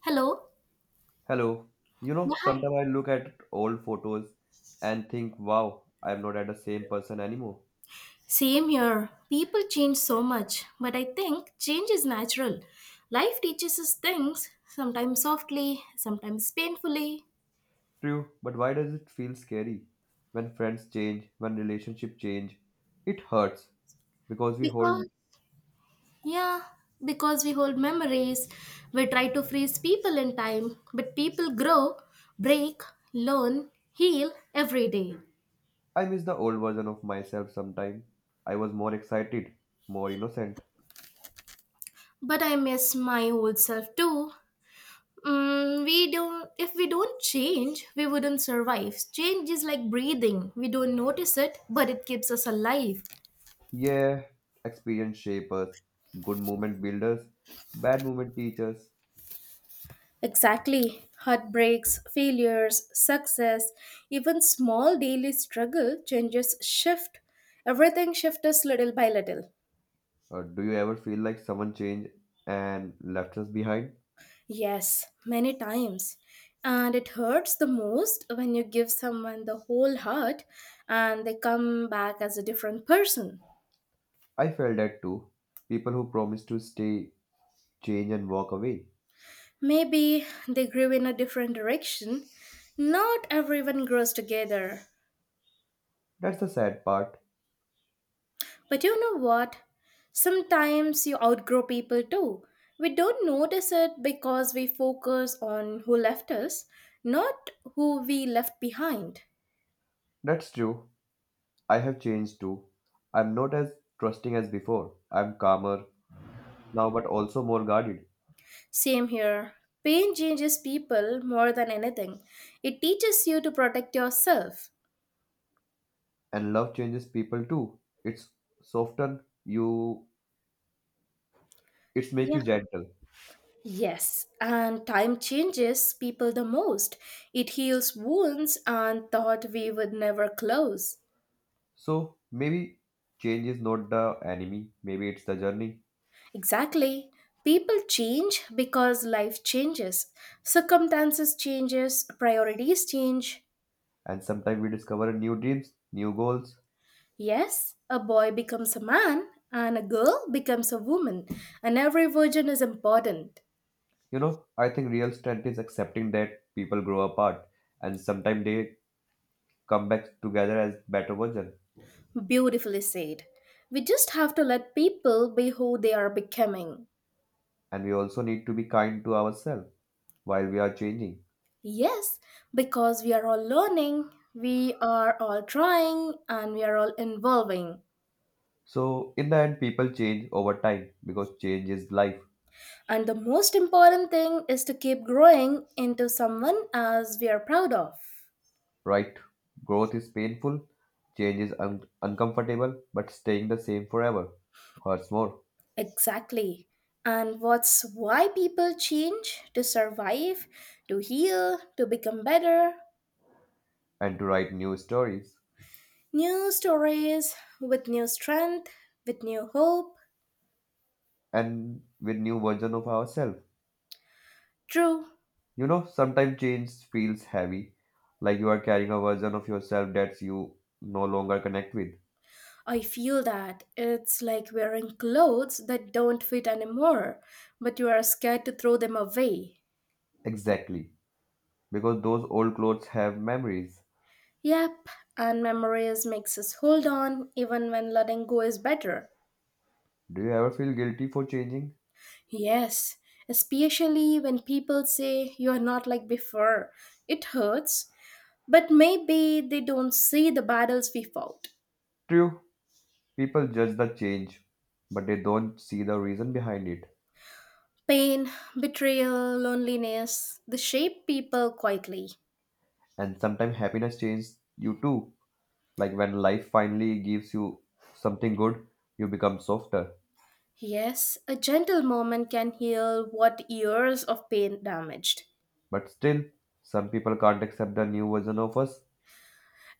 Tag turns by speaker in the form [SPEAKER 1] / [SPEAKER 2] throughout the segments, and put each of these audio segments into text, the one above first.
[SPEAKER 1] Hello.
[SPEAKER 2] Hello. You
[SPEAKER 1] Yeah,
[SPEAKER 2] know,
[SPEAKER 1] hi.
[SPEAKER 2] sometimes I look at old photos and think, wow, I'm not at the same person anymore.
[SPEAKER 1] Same here. People change so much, but I think change is natural. Life teaches us things, sometimes softly, sometimes painfully.
[SPEAKER 2] True, but why does it feel scary? When friends change, when relationships change, it hurts because we hold.
[SPEAKER 1] Because, yeah, because we hold memories, we try to freeze people in time, but people grow, break, learn, heal every day.
[SPEAKER 2] I miss the old version of myself. Sometimes I was more excited, more innocent.
[SPEAKER 1] But I miss my old self too. Mm, we don't. If we don't change, we wouldn't survive. Change is like breathing. We don't notice it, but it keeps us alive.
[SPEAKER 2] Yeah, experience shape us. Good moment builders, bad moment teachers.
[SPEAKER 1] Exactly. Heartbreaks, failures, success, even small daily struggle changes shift. Everything shifts us little by little.
[SPEAKER 2] Do you ever feel like someone changed and left us behind?
[SPEAKER 1] Yes, many times. And it hurts the most when you give someone the whole heart and they come back as a different person.
[SPEAKER 2] I felt that too. People who promise to stay change and walk away.
[SPEAKER 1] Maybe they grew in a different direction. Not everyone grows together.
[SPEAKER 2] That's the sad part.
[SPEAKER 1] But you know what? Sometimes you outgrow people too. We don't notice it because we focus on who left us, not who we left behind.
[SPEAKER 2] That's true. I have changed too. I'm not as trusting as before. I'm calmer now, but also more guarded.
[SPEAKER 1] Same here. Pain changes people more than anything. It teaches you to protect yourself.
[SPEAKER 2] And love changes people too. It's soften you. It's make
[SPEAKER 1] Yeah.
[SPEAKER 2] you gentle.
[SPEAKER 1] Yes, and time changes people the most. It heals wounds and thought we would never close.
[SPEAKER 2] So maybe change is not the enemy. Maybe it's the journey.
[SPEAKER 1] Exactly. People change because life changes. Circumstances changes, priorities change.
[SPEAKER 2] And sometimes we discover new dreams, new goals.
[SPEAKER 1] Yes, a boy becomes a man and a girl becomes a woman, and every version is important.
[SPEAKER 2] You know, I think real strength is accepting that people grow apart and sometimes they come back together as better version.
[SPEAKER 1] Beautifully said. We just have to let people be who they are becoming.
[SPEAKER 2] And we also need to be kind to ourselves while we are changing.
[SPEAKER 1] Yes, because we are all learning, we are all trying, and we are all involving.
[SPEAKER 2] So in the end people change over time because change is life.
[SPEAKER 1] And the most important thing is to keep growing into someone as we are proud of.
[SPEAKER 2] Right, growth is painful, change is uncomfortable, but staying the same forever hurts more.
[SPEAKER 1] Exactly. And what's why people change to survive, to heal, to become better.
[SPEAKER 2] And to write new stories,
[SPEAKER 1] New stories with new strength, with new hope.
[SPEAKER 2] and with new version of ourselves.
[SPEAKER 1] True.
[SPEAKER 2] You know, sometimes change feels heavy, like you are carrying a version of yourself that you no longer connect with.
[SPEAKER 1] I feel that it's like wearing clothes that don't fit anymore, but you are scared to throw them away.
[SPEAKER 2] Exactly, because those old clothes have memories.
[SPEAKER 1] Yep, and memories makes us hold on even when letting go is better.
[SPEAKER 2] Do you ever feel guilty for changing?
[SPEAKER 1] Yes, especially when people say you are not like before. It hurts, but maybe they don't see the battles we fought.
[SPEAKER 2] True, people judge the change, but they don't see the reason behind it.
[SPEAKER 1] Pain, betrayal, loneliness, they shape people quietly.
[SPEAKER 2] And sometimes happiness changes you too. Like when life finally gives you something good, you become softer.
[SPEAKER 1] Yes, a gentle moment can heal what years of pain damaged.
[SPEAKER 2] But still, some people can't accept the new version of us.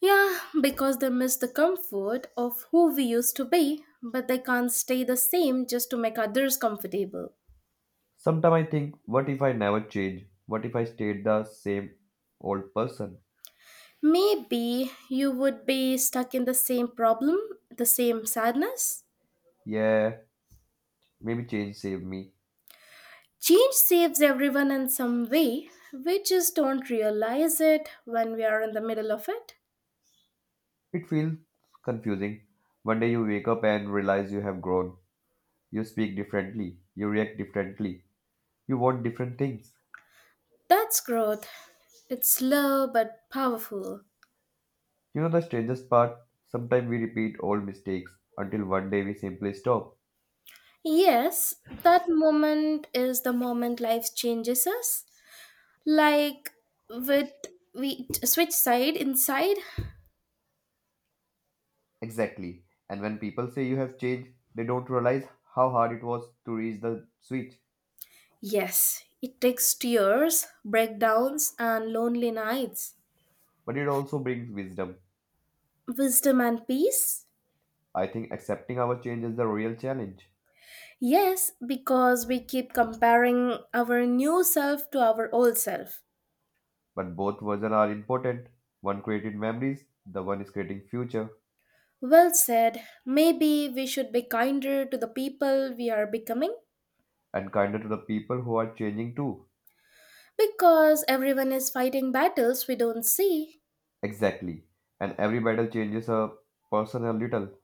[SPEAKER 1] Yeah, because they miss the comfort of who we used to be, but they can't stay the same just to make others comfortable.
[SPEAKER 2] Sometimes I think, what if I never change? What if I stayed the same old person?
[SPEAKER 1] Maybe you would be stuck in the same problem, the same sadness.
[SPEAKER 2] Yeah, maybe change saved me.
[SPEAKER 1] Change saves everyone in some way. We just don't realize it when we are in the middle of it.
[SPEAKER 2] It feels confusing. One day you wake up and realize you have grown. You speak differently, you react differently, you want different things.
[SPEAKER 1] That's growth. It's slow but powerful.
[SPEAKER 2] You know the strangest part? Sometimes we repeat old mistakes until one day we simply stop.
[SPEAKER 1] Yes, that moment is the moment life changes us. Like with switch side inside.
[SPEAKER 2] Exactly. And when people say you have changed, they don't realize how hard it was to reach the switch.
[SPEAKER 1] Yes, it takes tears, breakdowns, and lonely nights.
[SPEAKER 2] But it also brings wisdom.
[SPEAKER 1] Wisdom and peace.
[SPEAKER 2] I think accepting our change is the real challenge.
[SPEAKER 1] Yes, because we keep comparing our new self to our old self.
[SPEAKER 2] But both versions are important. One created memories, the one is creating future,
[SPEAKER 1] Well said. Maybe we should be kinder to the people we are becoming
[SPEAKER 2] and kinder to the people who are changing too.
[SPEAKER 1] because everyone is fighting battles we don't see.
[SPEAKER 2] Exactly. And every battle changes a person a little.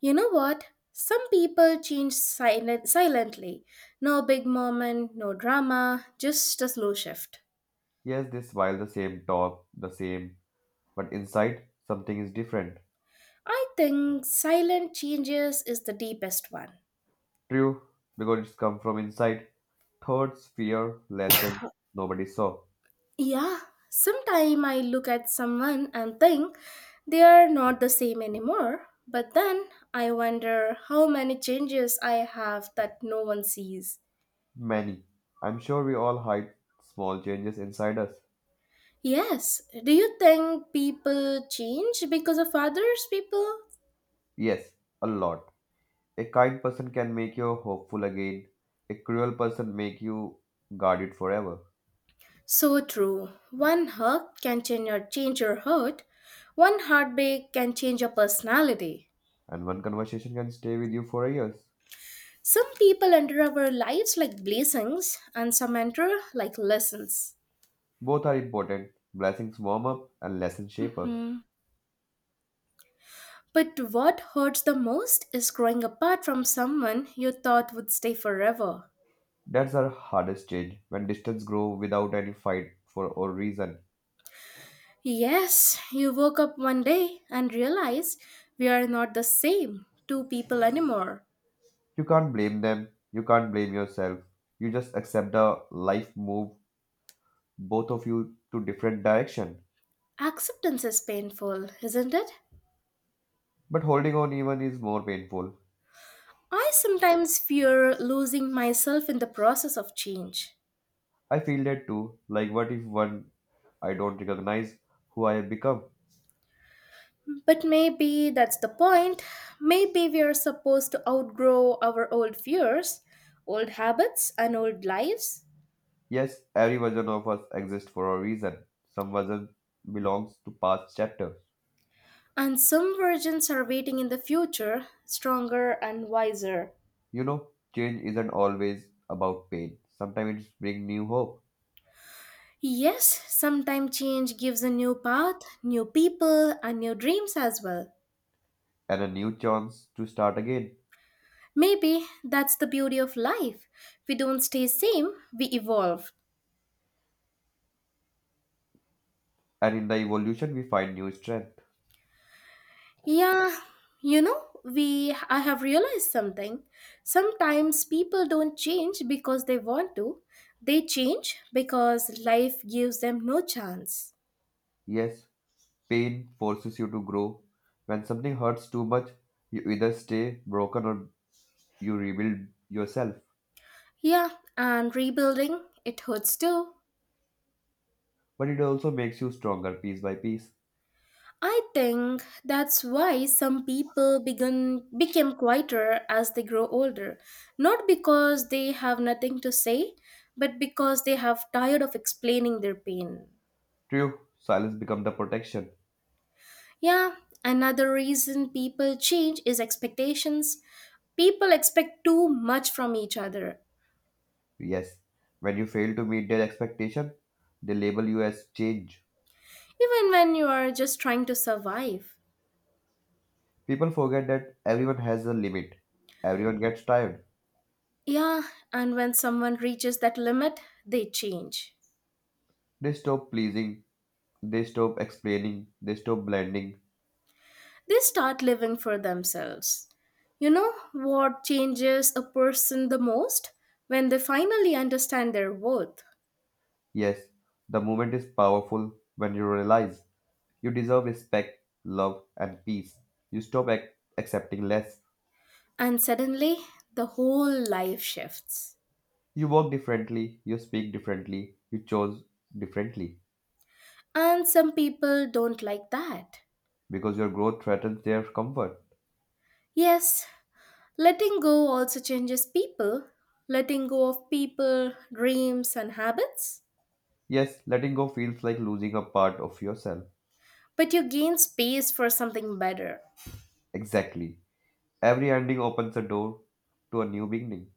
[SPEAKER 1] You know what? Some people change silently. No big moment, no drama, just a slow shift.
[SPEAKER 2] Yes, this while the same top, the same, but inside something is different.
[SPEAKER 1] I think silent changes is the deepest one.
[SPEAKER 2] True, because it's come from inside. Thoughts, fear, lessons nobody saw.
[SPEAKER 1] Yeah, sometimes I look at someone and think they are not the same anymore, but then I wonder how many changes I have that no one sees.
[SPEAKER 2] Many. I'm sure we all hide small changes inside us.
[SPEAKER 1] Yes, do you think people change because of others people?
[SPEAKER 2] Yes, a lot. A kind person can make you hopeful again. A cruel person make you guard it forever.
[SPEAKER 1] So true. One hug can change your heart. One heartbreak can change your personality.
[SPEAKER 2] And one conversation can stay with you for years.
[SPEAKER 1] Some people enter our lives like blessings, and some enter like lessons.
[SPEAKER 2] Both are important. Blessings warm up and lessons shape up.
[SPEAKER 1] Hmm. But what hurts the most is growing apart from someone you thought would stay forever.
[SPEAKER 2] That's our hardest change when distance grow without any fight for or reason.
[SPEAKER 1] Yes, you woke up one day and realized we are not the same two people anymore.
[SPEAKER 2] You can't blame them, you can't blame yourself. You just accept the life move both of you to different direction.
[SPEAKER 1] Acceptance is painful, isn't it?
[SPEAKER 2] But holding on even is more painful.
[SPEAKER 1] I sometimes fear losing myself in the process of change.
[SPEAKER 2] I feel that too. Like what if one I don't recognize who I have become?
[SPEAKER 1] But maybe that's the point. Maybe we are supposed to outgrow our old fears, old habits, and old lives.
[SPEAKER 2] Yes, every version of us exists for a reason. Some version belongs to past chapter.
[SPEAKER 1] And some virgins are waiting in the future, stronger and wiser.
[SPEAKER 2] You know, change isn't always about pain. Sometimes it's bring new hope.
[SPEAKER 1] Yes, sometimes change gives a new path, new people, and new dreams as well.
[SPEAKER 2] And a new chance to start again.
[SPEAKER 1] Maybe that's the beauty of life. We don't stay same, we evolve.
[SPEAKER 2] And in the evolution, we find new strength.
[SPEAKER 1] Yeah, you know, we I have realized something. Sometimes people don't change because they want to. They change because life gives them no chance.
[SPEAKER 2] Yes, pain forces you to grow. When something hurts too much, you either stay broken or you rebuild yourself.
[SPEAKER 1] Yeah, and rebuilding it hurts too.
[SPEAKER 2] But it also makes you stronger piece by piece.
[SPEAKER 1] I think that's why some people begun became quieter as they grow older, not because they have nothing to say, but because they have tired of explaining their pain.
[SPEAKER 2] True, silence becomes the protection.
[SPEAKER 1] Yeah, another reason people change is expectations. People expect too much from each other,
[SPEAKER 2] Yes, when you fail to meet their expectation, they label you as change.
[SPEAKER 1] even when you are just trying to survive.
[SPEAKER 2] People forget that everyone has a limit. Everyone gets tired.
[SPEAKER 1] Yeah, and when someone reaches that limit, they change.
[SPEAKER 2] They stop pleasing, they stop explaining, they stop blending.
[SPEAKER 1] They start living for themselves. You know what changes a person the most? When they finally understand their worth.
[SPEAKER 2] Yes, the moment is powerful when you realize you deserve respect, love, and peace. You stop accepting less.
[SPEAKER 1] And suddenly, the whole life shifts.
[SPEAKER 2] You walk differently, you speak differently, you chose differently,
[SPEAKER 1] And some people don't like that.
[SPEAKER 2] because your growth threatens their comfort.
[SPEAKER 1] Yes, letting go also changes people, letting go of people, dreams, and habits.
[SPEAKER 2] Yes, letting go feels like losing a part of yourself.
[SPEAKER 1] But you gain space for something better.
[SPEAKER 2] Exactly. Every ending opens a door to a new beginning.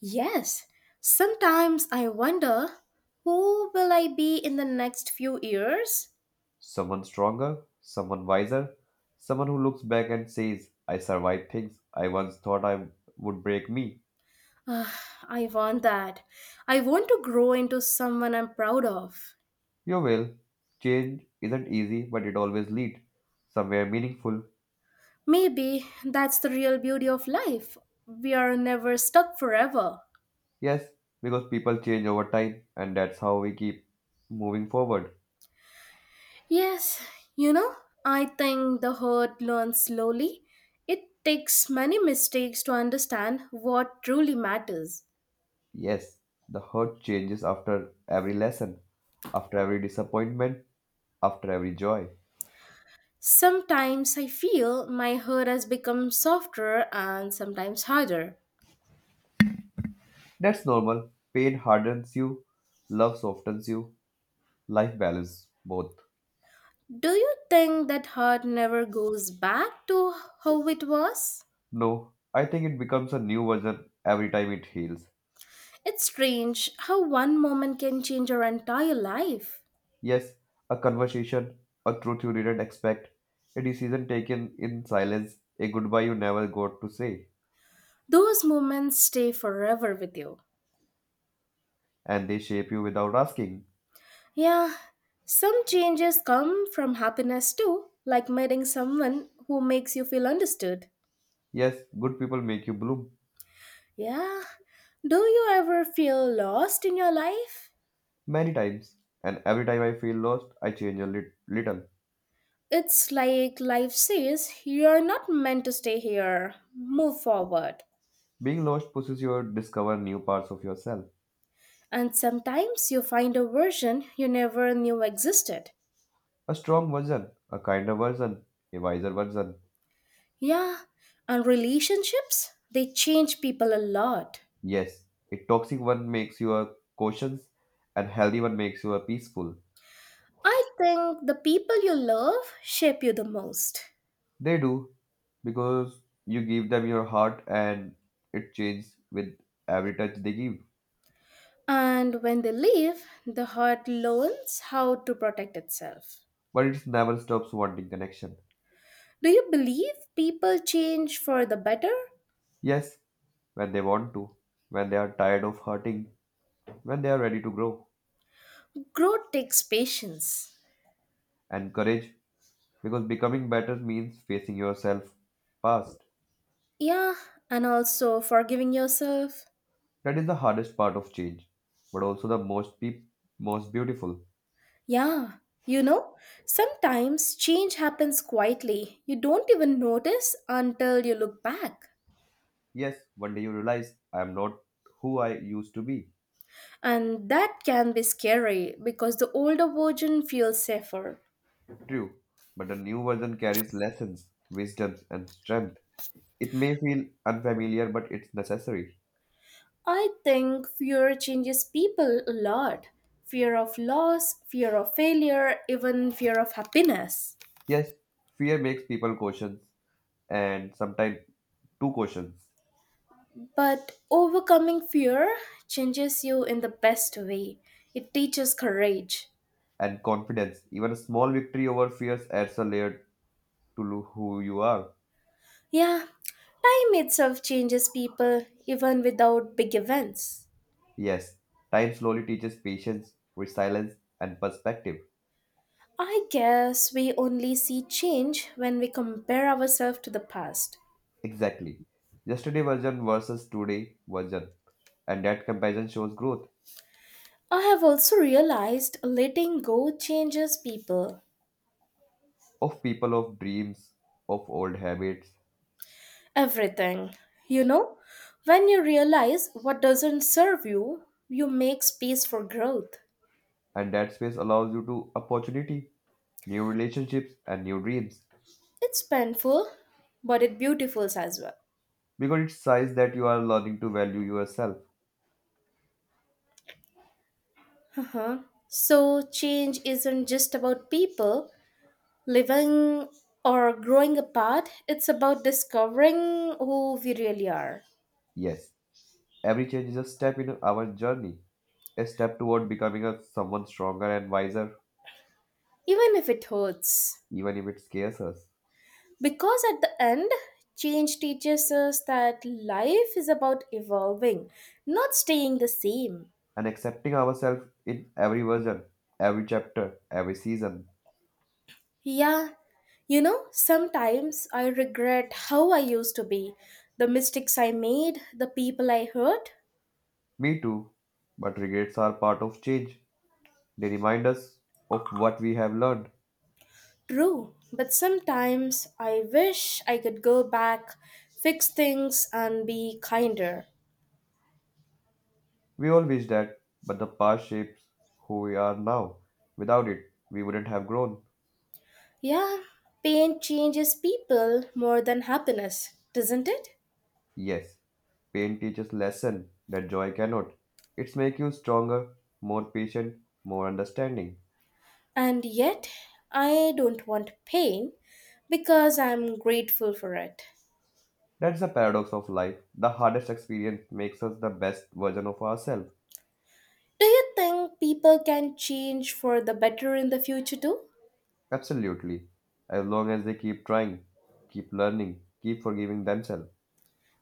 [SPEAKER 1] Yes, sometimes I wonder who will I be in the next few years?
[SPEAKER 2] Someone stronger, someone wiser, someone who looks back and says, I survived things I once thought I would break me.
[SPEAKER 1] Ah, I want that. I want to grow into someone I'm proud of.
[SPEAKER 2] You will. Change isn't easy, but it always leads somewhere meaningful.
[SPEAKER 1] Maybe that's the real beauty of life. We are never stuck forever.
[SPEAKER 2] Yes, because people change over time, and that's how we keep moving forward.
[SPEAKER 1] Yes, you know, I think the herd learns slowly. It takes many mistakes to understand what truly matters.
[SPEAKER 2] Yes, the hurt changes after every lesson, after every disappointment, after every joy.
[SPEAKER 1] Sometimes I feel my herd has become softer and sometimes harder.
[SPEAKER 2] That's normal. Pain hardens you, love softens you, life balances both.
[SPEAKER 1] Do you think that herd never goes back to how it was?
[SPEAKER 2] No, I think it becomes a new version every time it heals.
[SPEAKER 1] It's strange how one moment can change your entire life.
[SPEAKER 2] Yes, a conversation, a truth you didn't expect, a decision taken in silence, a goodbye you never got to say,
[SPEAKER 1] Those moments stay forever with you.
[SPEAKER 2] and they shape you without asking.
[SPEAKER 1] Yeah, some changes come from happiness too, like meeting someone who makes you feel understood.
[SPEAKER 2] Yes, good people make you bloom.
[SPEAKER 1] Yeah, do you ever feel lost in your life?
[SPEAKER 2] Many times, and every time I feel lost, I change a little.
[SPEAKER 1] It's like life says you're not meant to stay here, move forward.
[SPEAKER 2] Being lost pushes you to discover new parts of yourself,
[SPEAKER 1] And sometimes you find a version you never knew existed.
[SPEAKER 2] a strong version, a kinder version, a wiser version.
[SPEAKER 1] Yeah, and relationships, they change people a lot.
[SPEAKER 2] Yes, a toxic one makes you a cautious, and healthy one makes you a peaceful.
[SPEAKER 1] I think the people you love shape you the most.
[SPEAKER 2] They do because you give them your heart and it changes with every touch they give.
[SPEAKER 1] And when they leave, the heart learns how to protect itself.
[SPEAKER 2] But it never stops wanting connection.
[SPEAKER 1] Do you believe people change for the better?
[SPEAKER 2] Yes, when they want to, when they are tired of hurting, when they are ready to grow.
[SPEAKER 1] Growth takes patience.
[SPEAKER 2] And courage, because becoming better means facing yourself past.
[SPEAKER 1] Yeah, and also forgiving yourself.
[SPEAKER 2] That is the hardest part of change, but also the most beautiful.
[SPEAKER 1] Yeah, you know, sometimes change happens quietly. You don't even notice until you look back.
[SPEAKER 2] Yes, one day you realize I am not who I used to be.
[SPEAKER 1] And that can be scary because the older version feels safer.
[SPEAKER 2] True, but the new version carries lessons, wisdoms, and strength. It may feel unfamiliar, but it's necessary.
[SPEAKER 1] I think fear changes people a lot. Fear of loss, fear of failure, even fear of happiness.
[SPEAKER 2] Yes, fear makes people cautious, and sometimes two cautious
[SPEAKER 1] But overcoming fear changes you in the best way. It teaches courage.
[SPEAKER 2] and confidence. Even a small victory over fears adds a layer to who you are.
[SPEAKER 1] Yeah, time itself changes people even without big events.
[SPEAKER 2] Yes, time slowly teaches patience, resilience, and perspective.
[SPEAKER 1] I guess we only see change when we compare ourselves to the past.
[SPEAKER 2] Exactly. Yesterday version versus today version, and that comparison shows growth
[SPEAKER 1] I have also realized letting go changes people.
[SPEAKER 2] of people, of dreams, of old habits,
[SPEAKER 1] Everything. You know, when you realize what doesn't serve you, you make space for growth.
[SPEAKER 2] and that space allows you to opportunity, new relationships, and new dreams.
[SPEAKER 1] It's painful, but it beautiful as well.
[SPEAKER 2] Because it says that you are learning to value yourself.
[SPEAKER 1] Uh-huh. So, change isn't just about people living or growing apart, it's about discovering who we really are,
[SPEAKER 2] Yes, every change is a step in our journey, a step toward becoming a someone stronger and wiser,
[SPEAKER 1] even if it hurts.
[SPEAKER 2] even if it scares us.
[SPEAKER 1] Because at the end, change teaches us that life is about evolving, not staying the same.
[SPEAKER 2] And accepting ourselves in every version, every chapter, every season.
[SPEAKER 1] Yeah, you know, sometimes I regret how I used to be, the mistakes I made, the people I hurt.
[SPEAKER 2] Me too. But regrets are part of change. They remind us of what we have learned.
[SPEAKER 1] True, but sometimes I wish I could go back, fix things, and be kinder.
[SPEAKER 2] We all wish that, but the past shapes who we are now. Without it, we wouldn't have grown.
[SPEAKER 1] Yeah, pain changes people more than happiness, doesn't it?
[SPEAKER 2] Yes, pain teaches lesson that joy cannot. It's make you stronger, more patient, more understanding.
[SPEAKER 1] And yet, I don't want pain because I'm grateful for it.
[SPEAKER 2] That's the paradox of life. The hardest experience makes us the best version of ourselves.
[SPEAKER 1] Do you think people can change for the better in the future too?
[SPEAKER 2] Absolutely. As long as they keep trying, keep learning, keep forgiving themselves.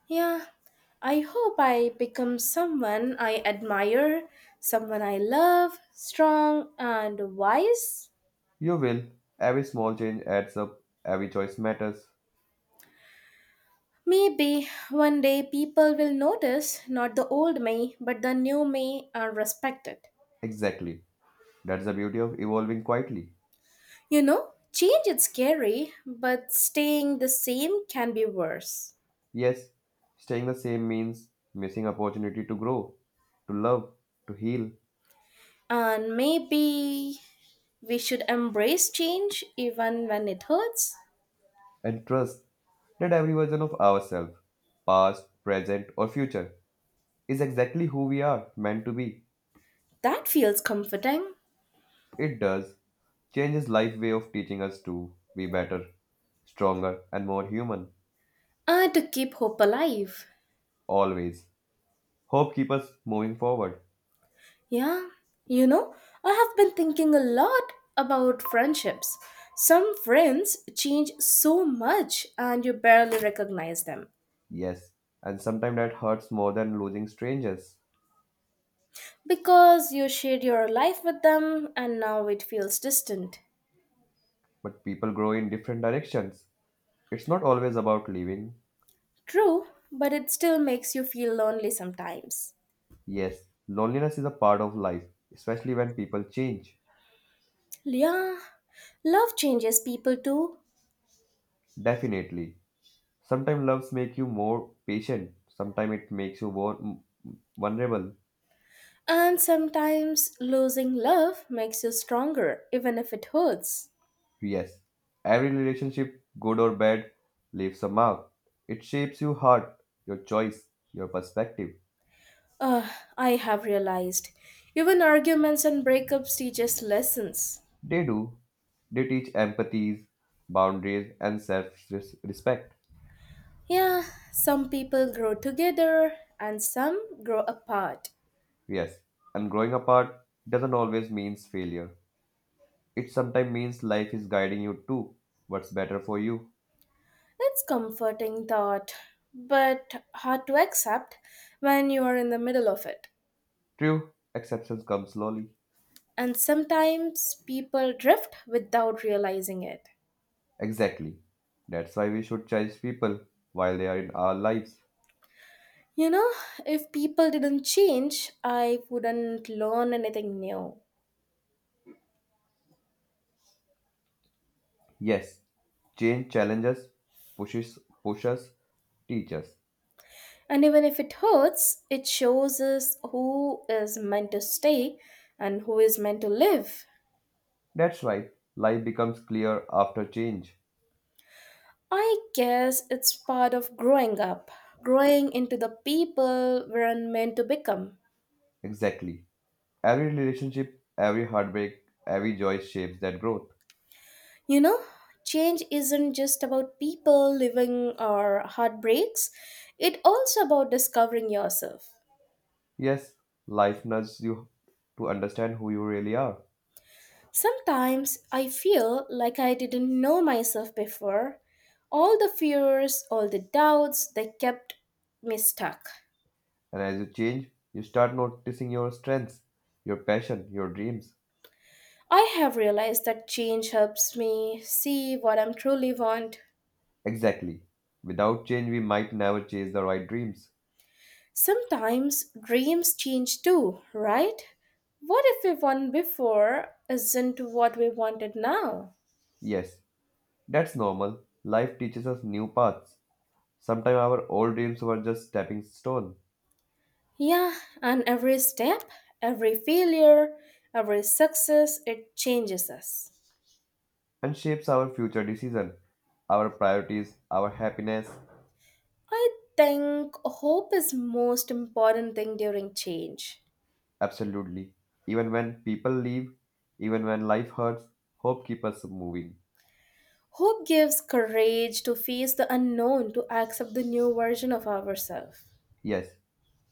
[SPEAKER 1] Yeah, I hope I become someone I admire, someone I love, strong and wise.
[SPEAKER 2] You will. Every small change adds up, every choice matters.
[SPEAKER 1] Maybe one day people will notice not the old me but the new me and respect it.
[SPEAKER 2] Exactly. That's the beauty of evolving quietly.
[SPEAKER 1] You know, change is scary, but staying the same can be worse.
[SPEAKER 2] Yes, staying the same means missing opportunity to grow, to love, to heal,
[SPEAKER 1] And maybe we should embrace change even when it hurts.
[SPEAKER 2] and trust. That every version of ourselves, past, present, or future, is exactly who we are meant to be.
[SPEAKER 1] That feels comforting.
[SPEAKER 2] It does change his life way of teaching us to be better, stronger, and more human.
[SPEAKER 1] And to keep hope alive.
[SPEAKER 2] Always. Hope keeps us moving forward.
[SPEAKER 1] Yeah, you know, I have been thinking a lot about friendships. Some friends change so much and you barely recognize them
[SPEAKER 2] Yes, and sometimes that hurts more than losing strangers.
[SPEAKER 1] because you shared your life with them and now it feels distant.
[SPEAKER 2] But people grow in different directions. It's not always about leaving.
[SPEAKER 1] True, but it still makes you feel lonely sometimes.
[SPEAKER 2] Yes, loneliness is a part of life, especially when people change.
[SPEAKER 1] Yeah, love changes people too.
[SPEAKER 2] Definitely. Sometimes loves make you more patient. Sometimes it makes you more vulnerable.
[SPEAKER 1] And sometimes losing love makes you stronger, even if it hurts.
[SPEAKER 2] Yes, every relationship, good or bad, leaves a mark. It shapes your heart, your choice, your perspective.
[SPEAKER 1] Uh, I have realized. Even arguments and breakups teach us lessons.
[SPEAKER 2] They do. They teach empathies, boundaries, and self-respect.
[SPEAKER 1] Yeah, some people grow together and some grow apart.
[SPEAKER 2] Yes, and growing apart doesn't always means failure. It sometimes means life is guiding you to what's better for you.
[SPEAKER 1] It's comforting thought, but hard to accept when you are in the middle of it.
[SPEAKER 2] True, acceptance comes slowly.
[SPEAKER 1] And sometimes people drift without realizing it.
[SPEAKER 2] Exactly. That's why we should cherish people while they are in our lives.
[SPEAKER 1] You know, if people didn't change, I wouldn't learn anything new.
[SPEAKER 2] Yes, change challenges, pushes, pushes, teaches.
[SPEAKER 1] And even if it hurts, it shows us who is meant to stay and who is meant to live.
[SPEAKER 2] That's right. Life becomes clear after change.
[SPEAKER 1] I guess it's part of growing up, growing into the people we're meant to become.
[SPEAKER 2] Exactly. Every relationship, every heartbreak, every joy shapes that growth.
[SPEAKER 1] You know, change isn't just about people living or heartbreaks, it's also about discovering yourself.
[SPEAKER 2] Yes, life nudges you to understand who you really are.
[SPEAKER 1] Sometimes I feel like I didn't know myself before. All the fears, all the doubts, they kept me stuck.
[SPEAKER 2] And as you change, you start noticing your strengths, your passion, your dreams.
[SPEAKER 1] I have realized that change helps me see what I am truly want.
[SPEAKER 2] Exactly. Without change, we might never chase the right dreams.
[SPEAKER 1] Sometimes dreams change too, right? What if we want before isn't what we wanted now?
[SPEAKER 2] Yes, that's normal. Life teaches us new paths. Sometimes our old dreams were just stepping stone
[SPEAKER 1] Yeah, and every step, every failure, every success, it changes us.
[SPEAKER 2] and shapes our future decision, our priorities, our happiness.
[SPEAKER 1] I think hope is most important thing during change.
[SPEAKER 2] Absolutely. Even when people leave, even when life hurts, hope keeps us moving.
[SPEAKER 1] Hope gives courage to face the unknown, to accept the new version of ourselves.
[SPEAKER 2] Yes,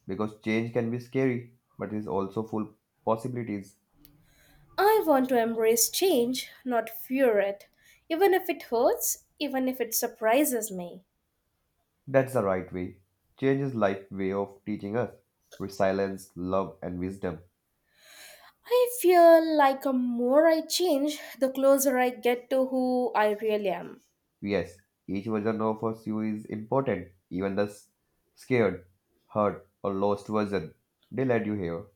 [SPEAKER 2] because change can be scary, but is also full possibilities.
[SPEAKER 1] I want to embrace change, not fear it, even if it hurts, even if it surprises me.
[SPEAKER 2] That's the right way. Change is life way of teaching us resilience, love and wisdom.
[SPEAKER 1] I feel like the more I change, the closer I get to who I really am.
[SPEAKER 2] Yes, each version of us you is important, even the scared, hurt, or lost version. They led you here.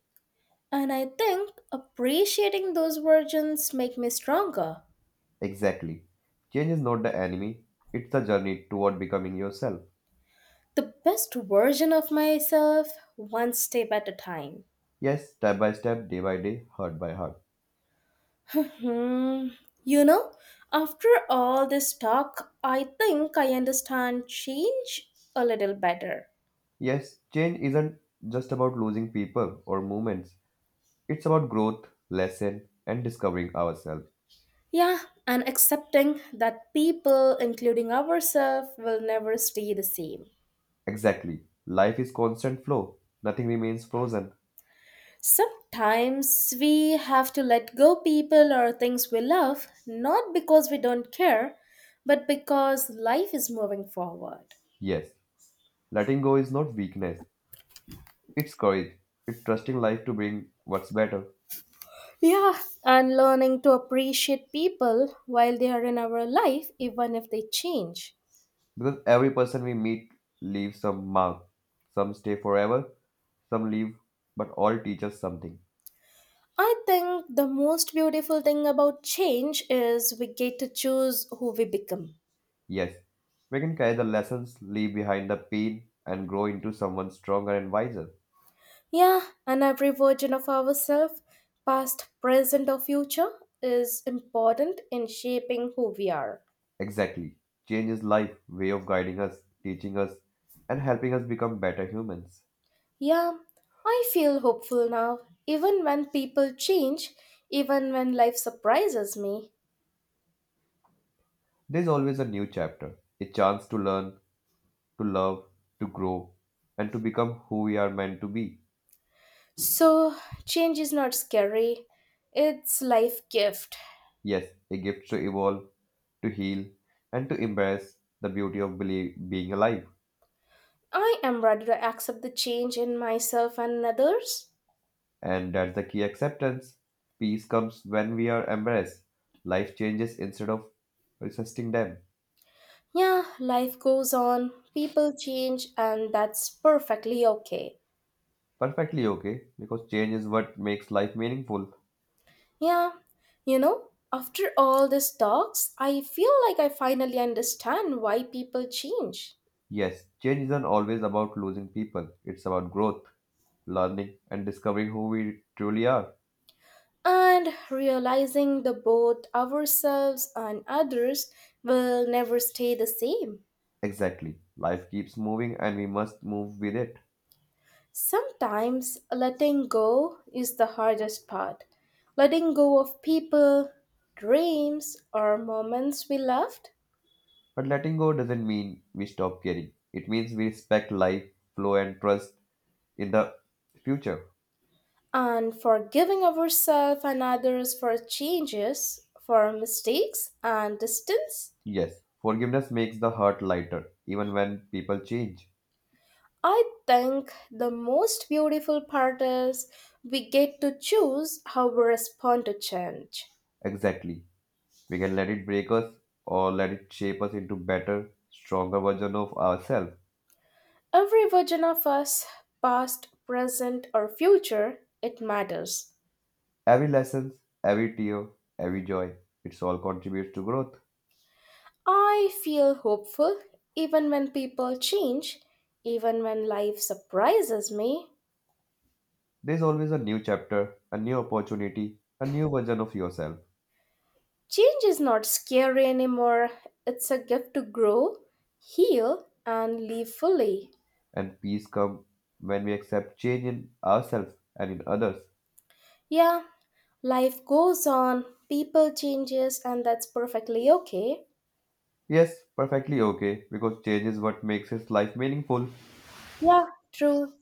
[SPEAKER 1] And I think appreciating those versions make me stronger.
[SPEAKER 2] Exactly. Change is not the enemy, it's the journey toward becoming yourself.
[SPEAKER 1] The best version of myself, one step at a time.
[SPEAKER 2] Yes, step by step, day by day, heart by heart.
[SPEAKER 1] Hmm. You know, after all this talk, I think I understand change a little better.
[SPEAKER 2] Yes, change isn't just about losing people or movements, it's about growth, lesson, and discovering ourselves.
[SPEAKER 1] Yeah, and accepting that people, including ourselves, will never stay the same.
[SPEAKER 2] Exactly. Life is constant flow, nothing remains frozen.
[SPEAKER 1] Sometimes we have to let go people or things we love, not because we don't care, but because life is moving forward.
[SPEAKER 2] Yes, letting go is not weakness, it's courage. It's trusting life to bring what's better.
[SPEAKER 1] Yeah, and learning to appreciate people while they are in our life, even if they change.
[SPEAKER 2] Because every person we meet leaves some mark. Some stay forever, some leave, but all teach us something.
[SPEAKER 1] I think the most beautiful thing about change is we get to choose who we become.
[SPEAKER 2] Yes, we can carry the lessons, leave behind the pain, and grow into someone stronger and wiser.
[SPEAKER 1] Yeah, and every version of ourselves, past, present, or future, is important in shaping who we are.
[SPEAKER 2] Exactly. Change is life, way of guiding us, teaching us, and helping us become better humans.
[SPEAKER 1] Yeah, I feel hopeful now, even when people change, even when life surprises me.
[SPEAKER 2] There's always a new chapter, a chance to learn, to love, to grow, and to become who we are meant to be.
[SPEAKER 1] So, change is not scary, it's life gift.
[SPEAKER 2] Yes, a gift to evolve to heal, and to embrace the beauty of being alive.
[SPEAKER 1] I am ready to accept the change in myself and others.
[SPEAKER 2] And that's the key acceptance. Peace comes when we are embraced. Life changes instead of resisting them.
[SPEAKER 1] Yeah, life goes on, people change, and that's perfectly okay.
[SPEAKER 2] Perfectly okay, because change is what makes life meaningful.
[SPEAKER 1] Yeah, you know, after all these talks, I feel like I finally understand why people change.
[SPEAKER 2] Yes, change isn't always about losing people, it's about growth, learning, and discovering who we truly are.
[SPEAKER 1] And realizing that both ourselves and others will never stay the same.
[SPEAKER 2] Exactly. Life keeps moving and we must move with it.
[SPEAKER 1] Sometimes letting go is the hardest part. Letting go of people, dreams, or moments we loved,
[SPEAKER 2] But letting go doesn't mean we stop caring. It means we respect life, flow, and trust in the future.
[SPEAKER 1] and forgiving ourselves and others for changes, for mistakes, and distance.
[SPEAKER 2] Yes, forgiveness makes the hurt lighter, even when people change.
[SPEAKER 1] I think the most beautiful part is we get to choose how we respond to change.
[SPEAKER 2] Exactly. We can let it break us or let it shape us into better, stronger version of ourselves.
[SPEAKER 1] Every version of us, past, present, or future, it matters.
[SPEAKER 2] Every lesson, every tear, every joy, it's all contributes to growth.
[SPEAKER 1] I feel hopeful even when people change, even when life surprises me.
[SPEAKER 2] There's always a new chapter, a new opportunity, a new version of yourself.
[SPEAKER 1] Change is not scary anymore, it's a gift to grow, heal, and live fully.
[SPEAKER 2] And peace comes when we accept change in ourselves and in others.
[SPEAKER 1] Yeah, life goes on, people changes, and that's perfectly okay.
[SPEAKER 2] Yes, perfectly okay, because change is what makes his life meaningful.
[SPEAKER 1] Yeah, true.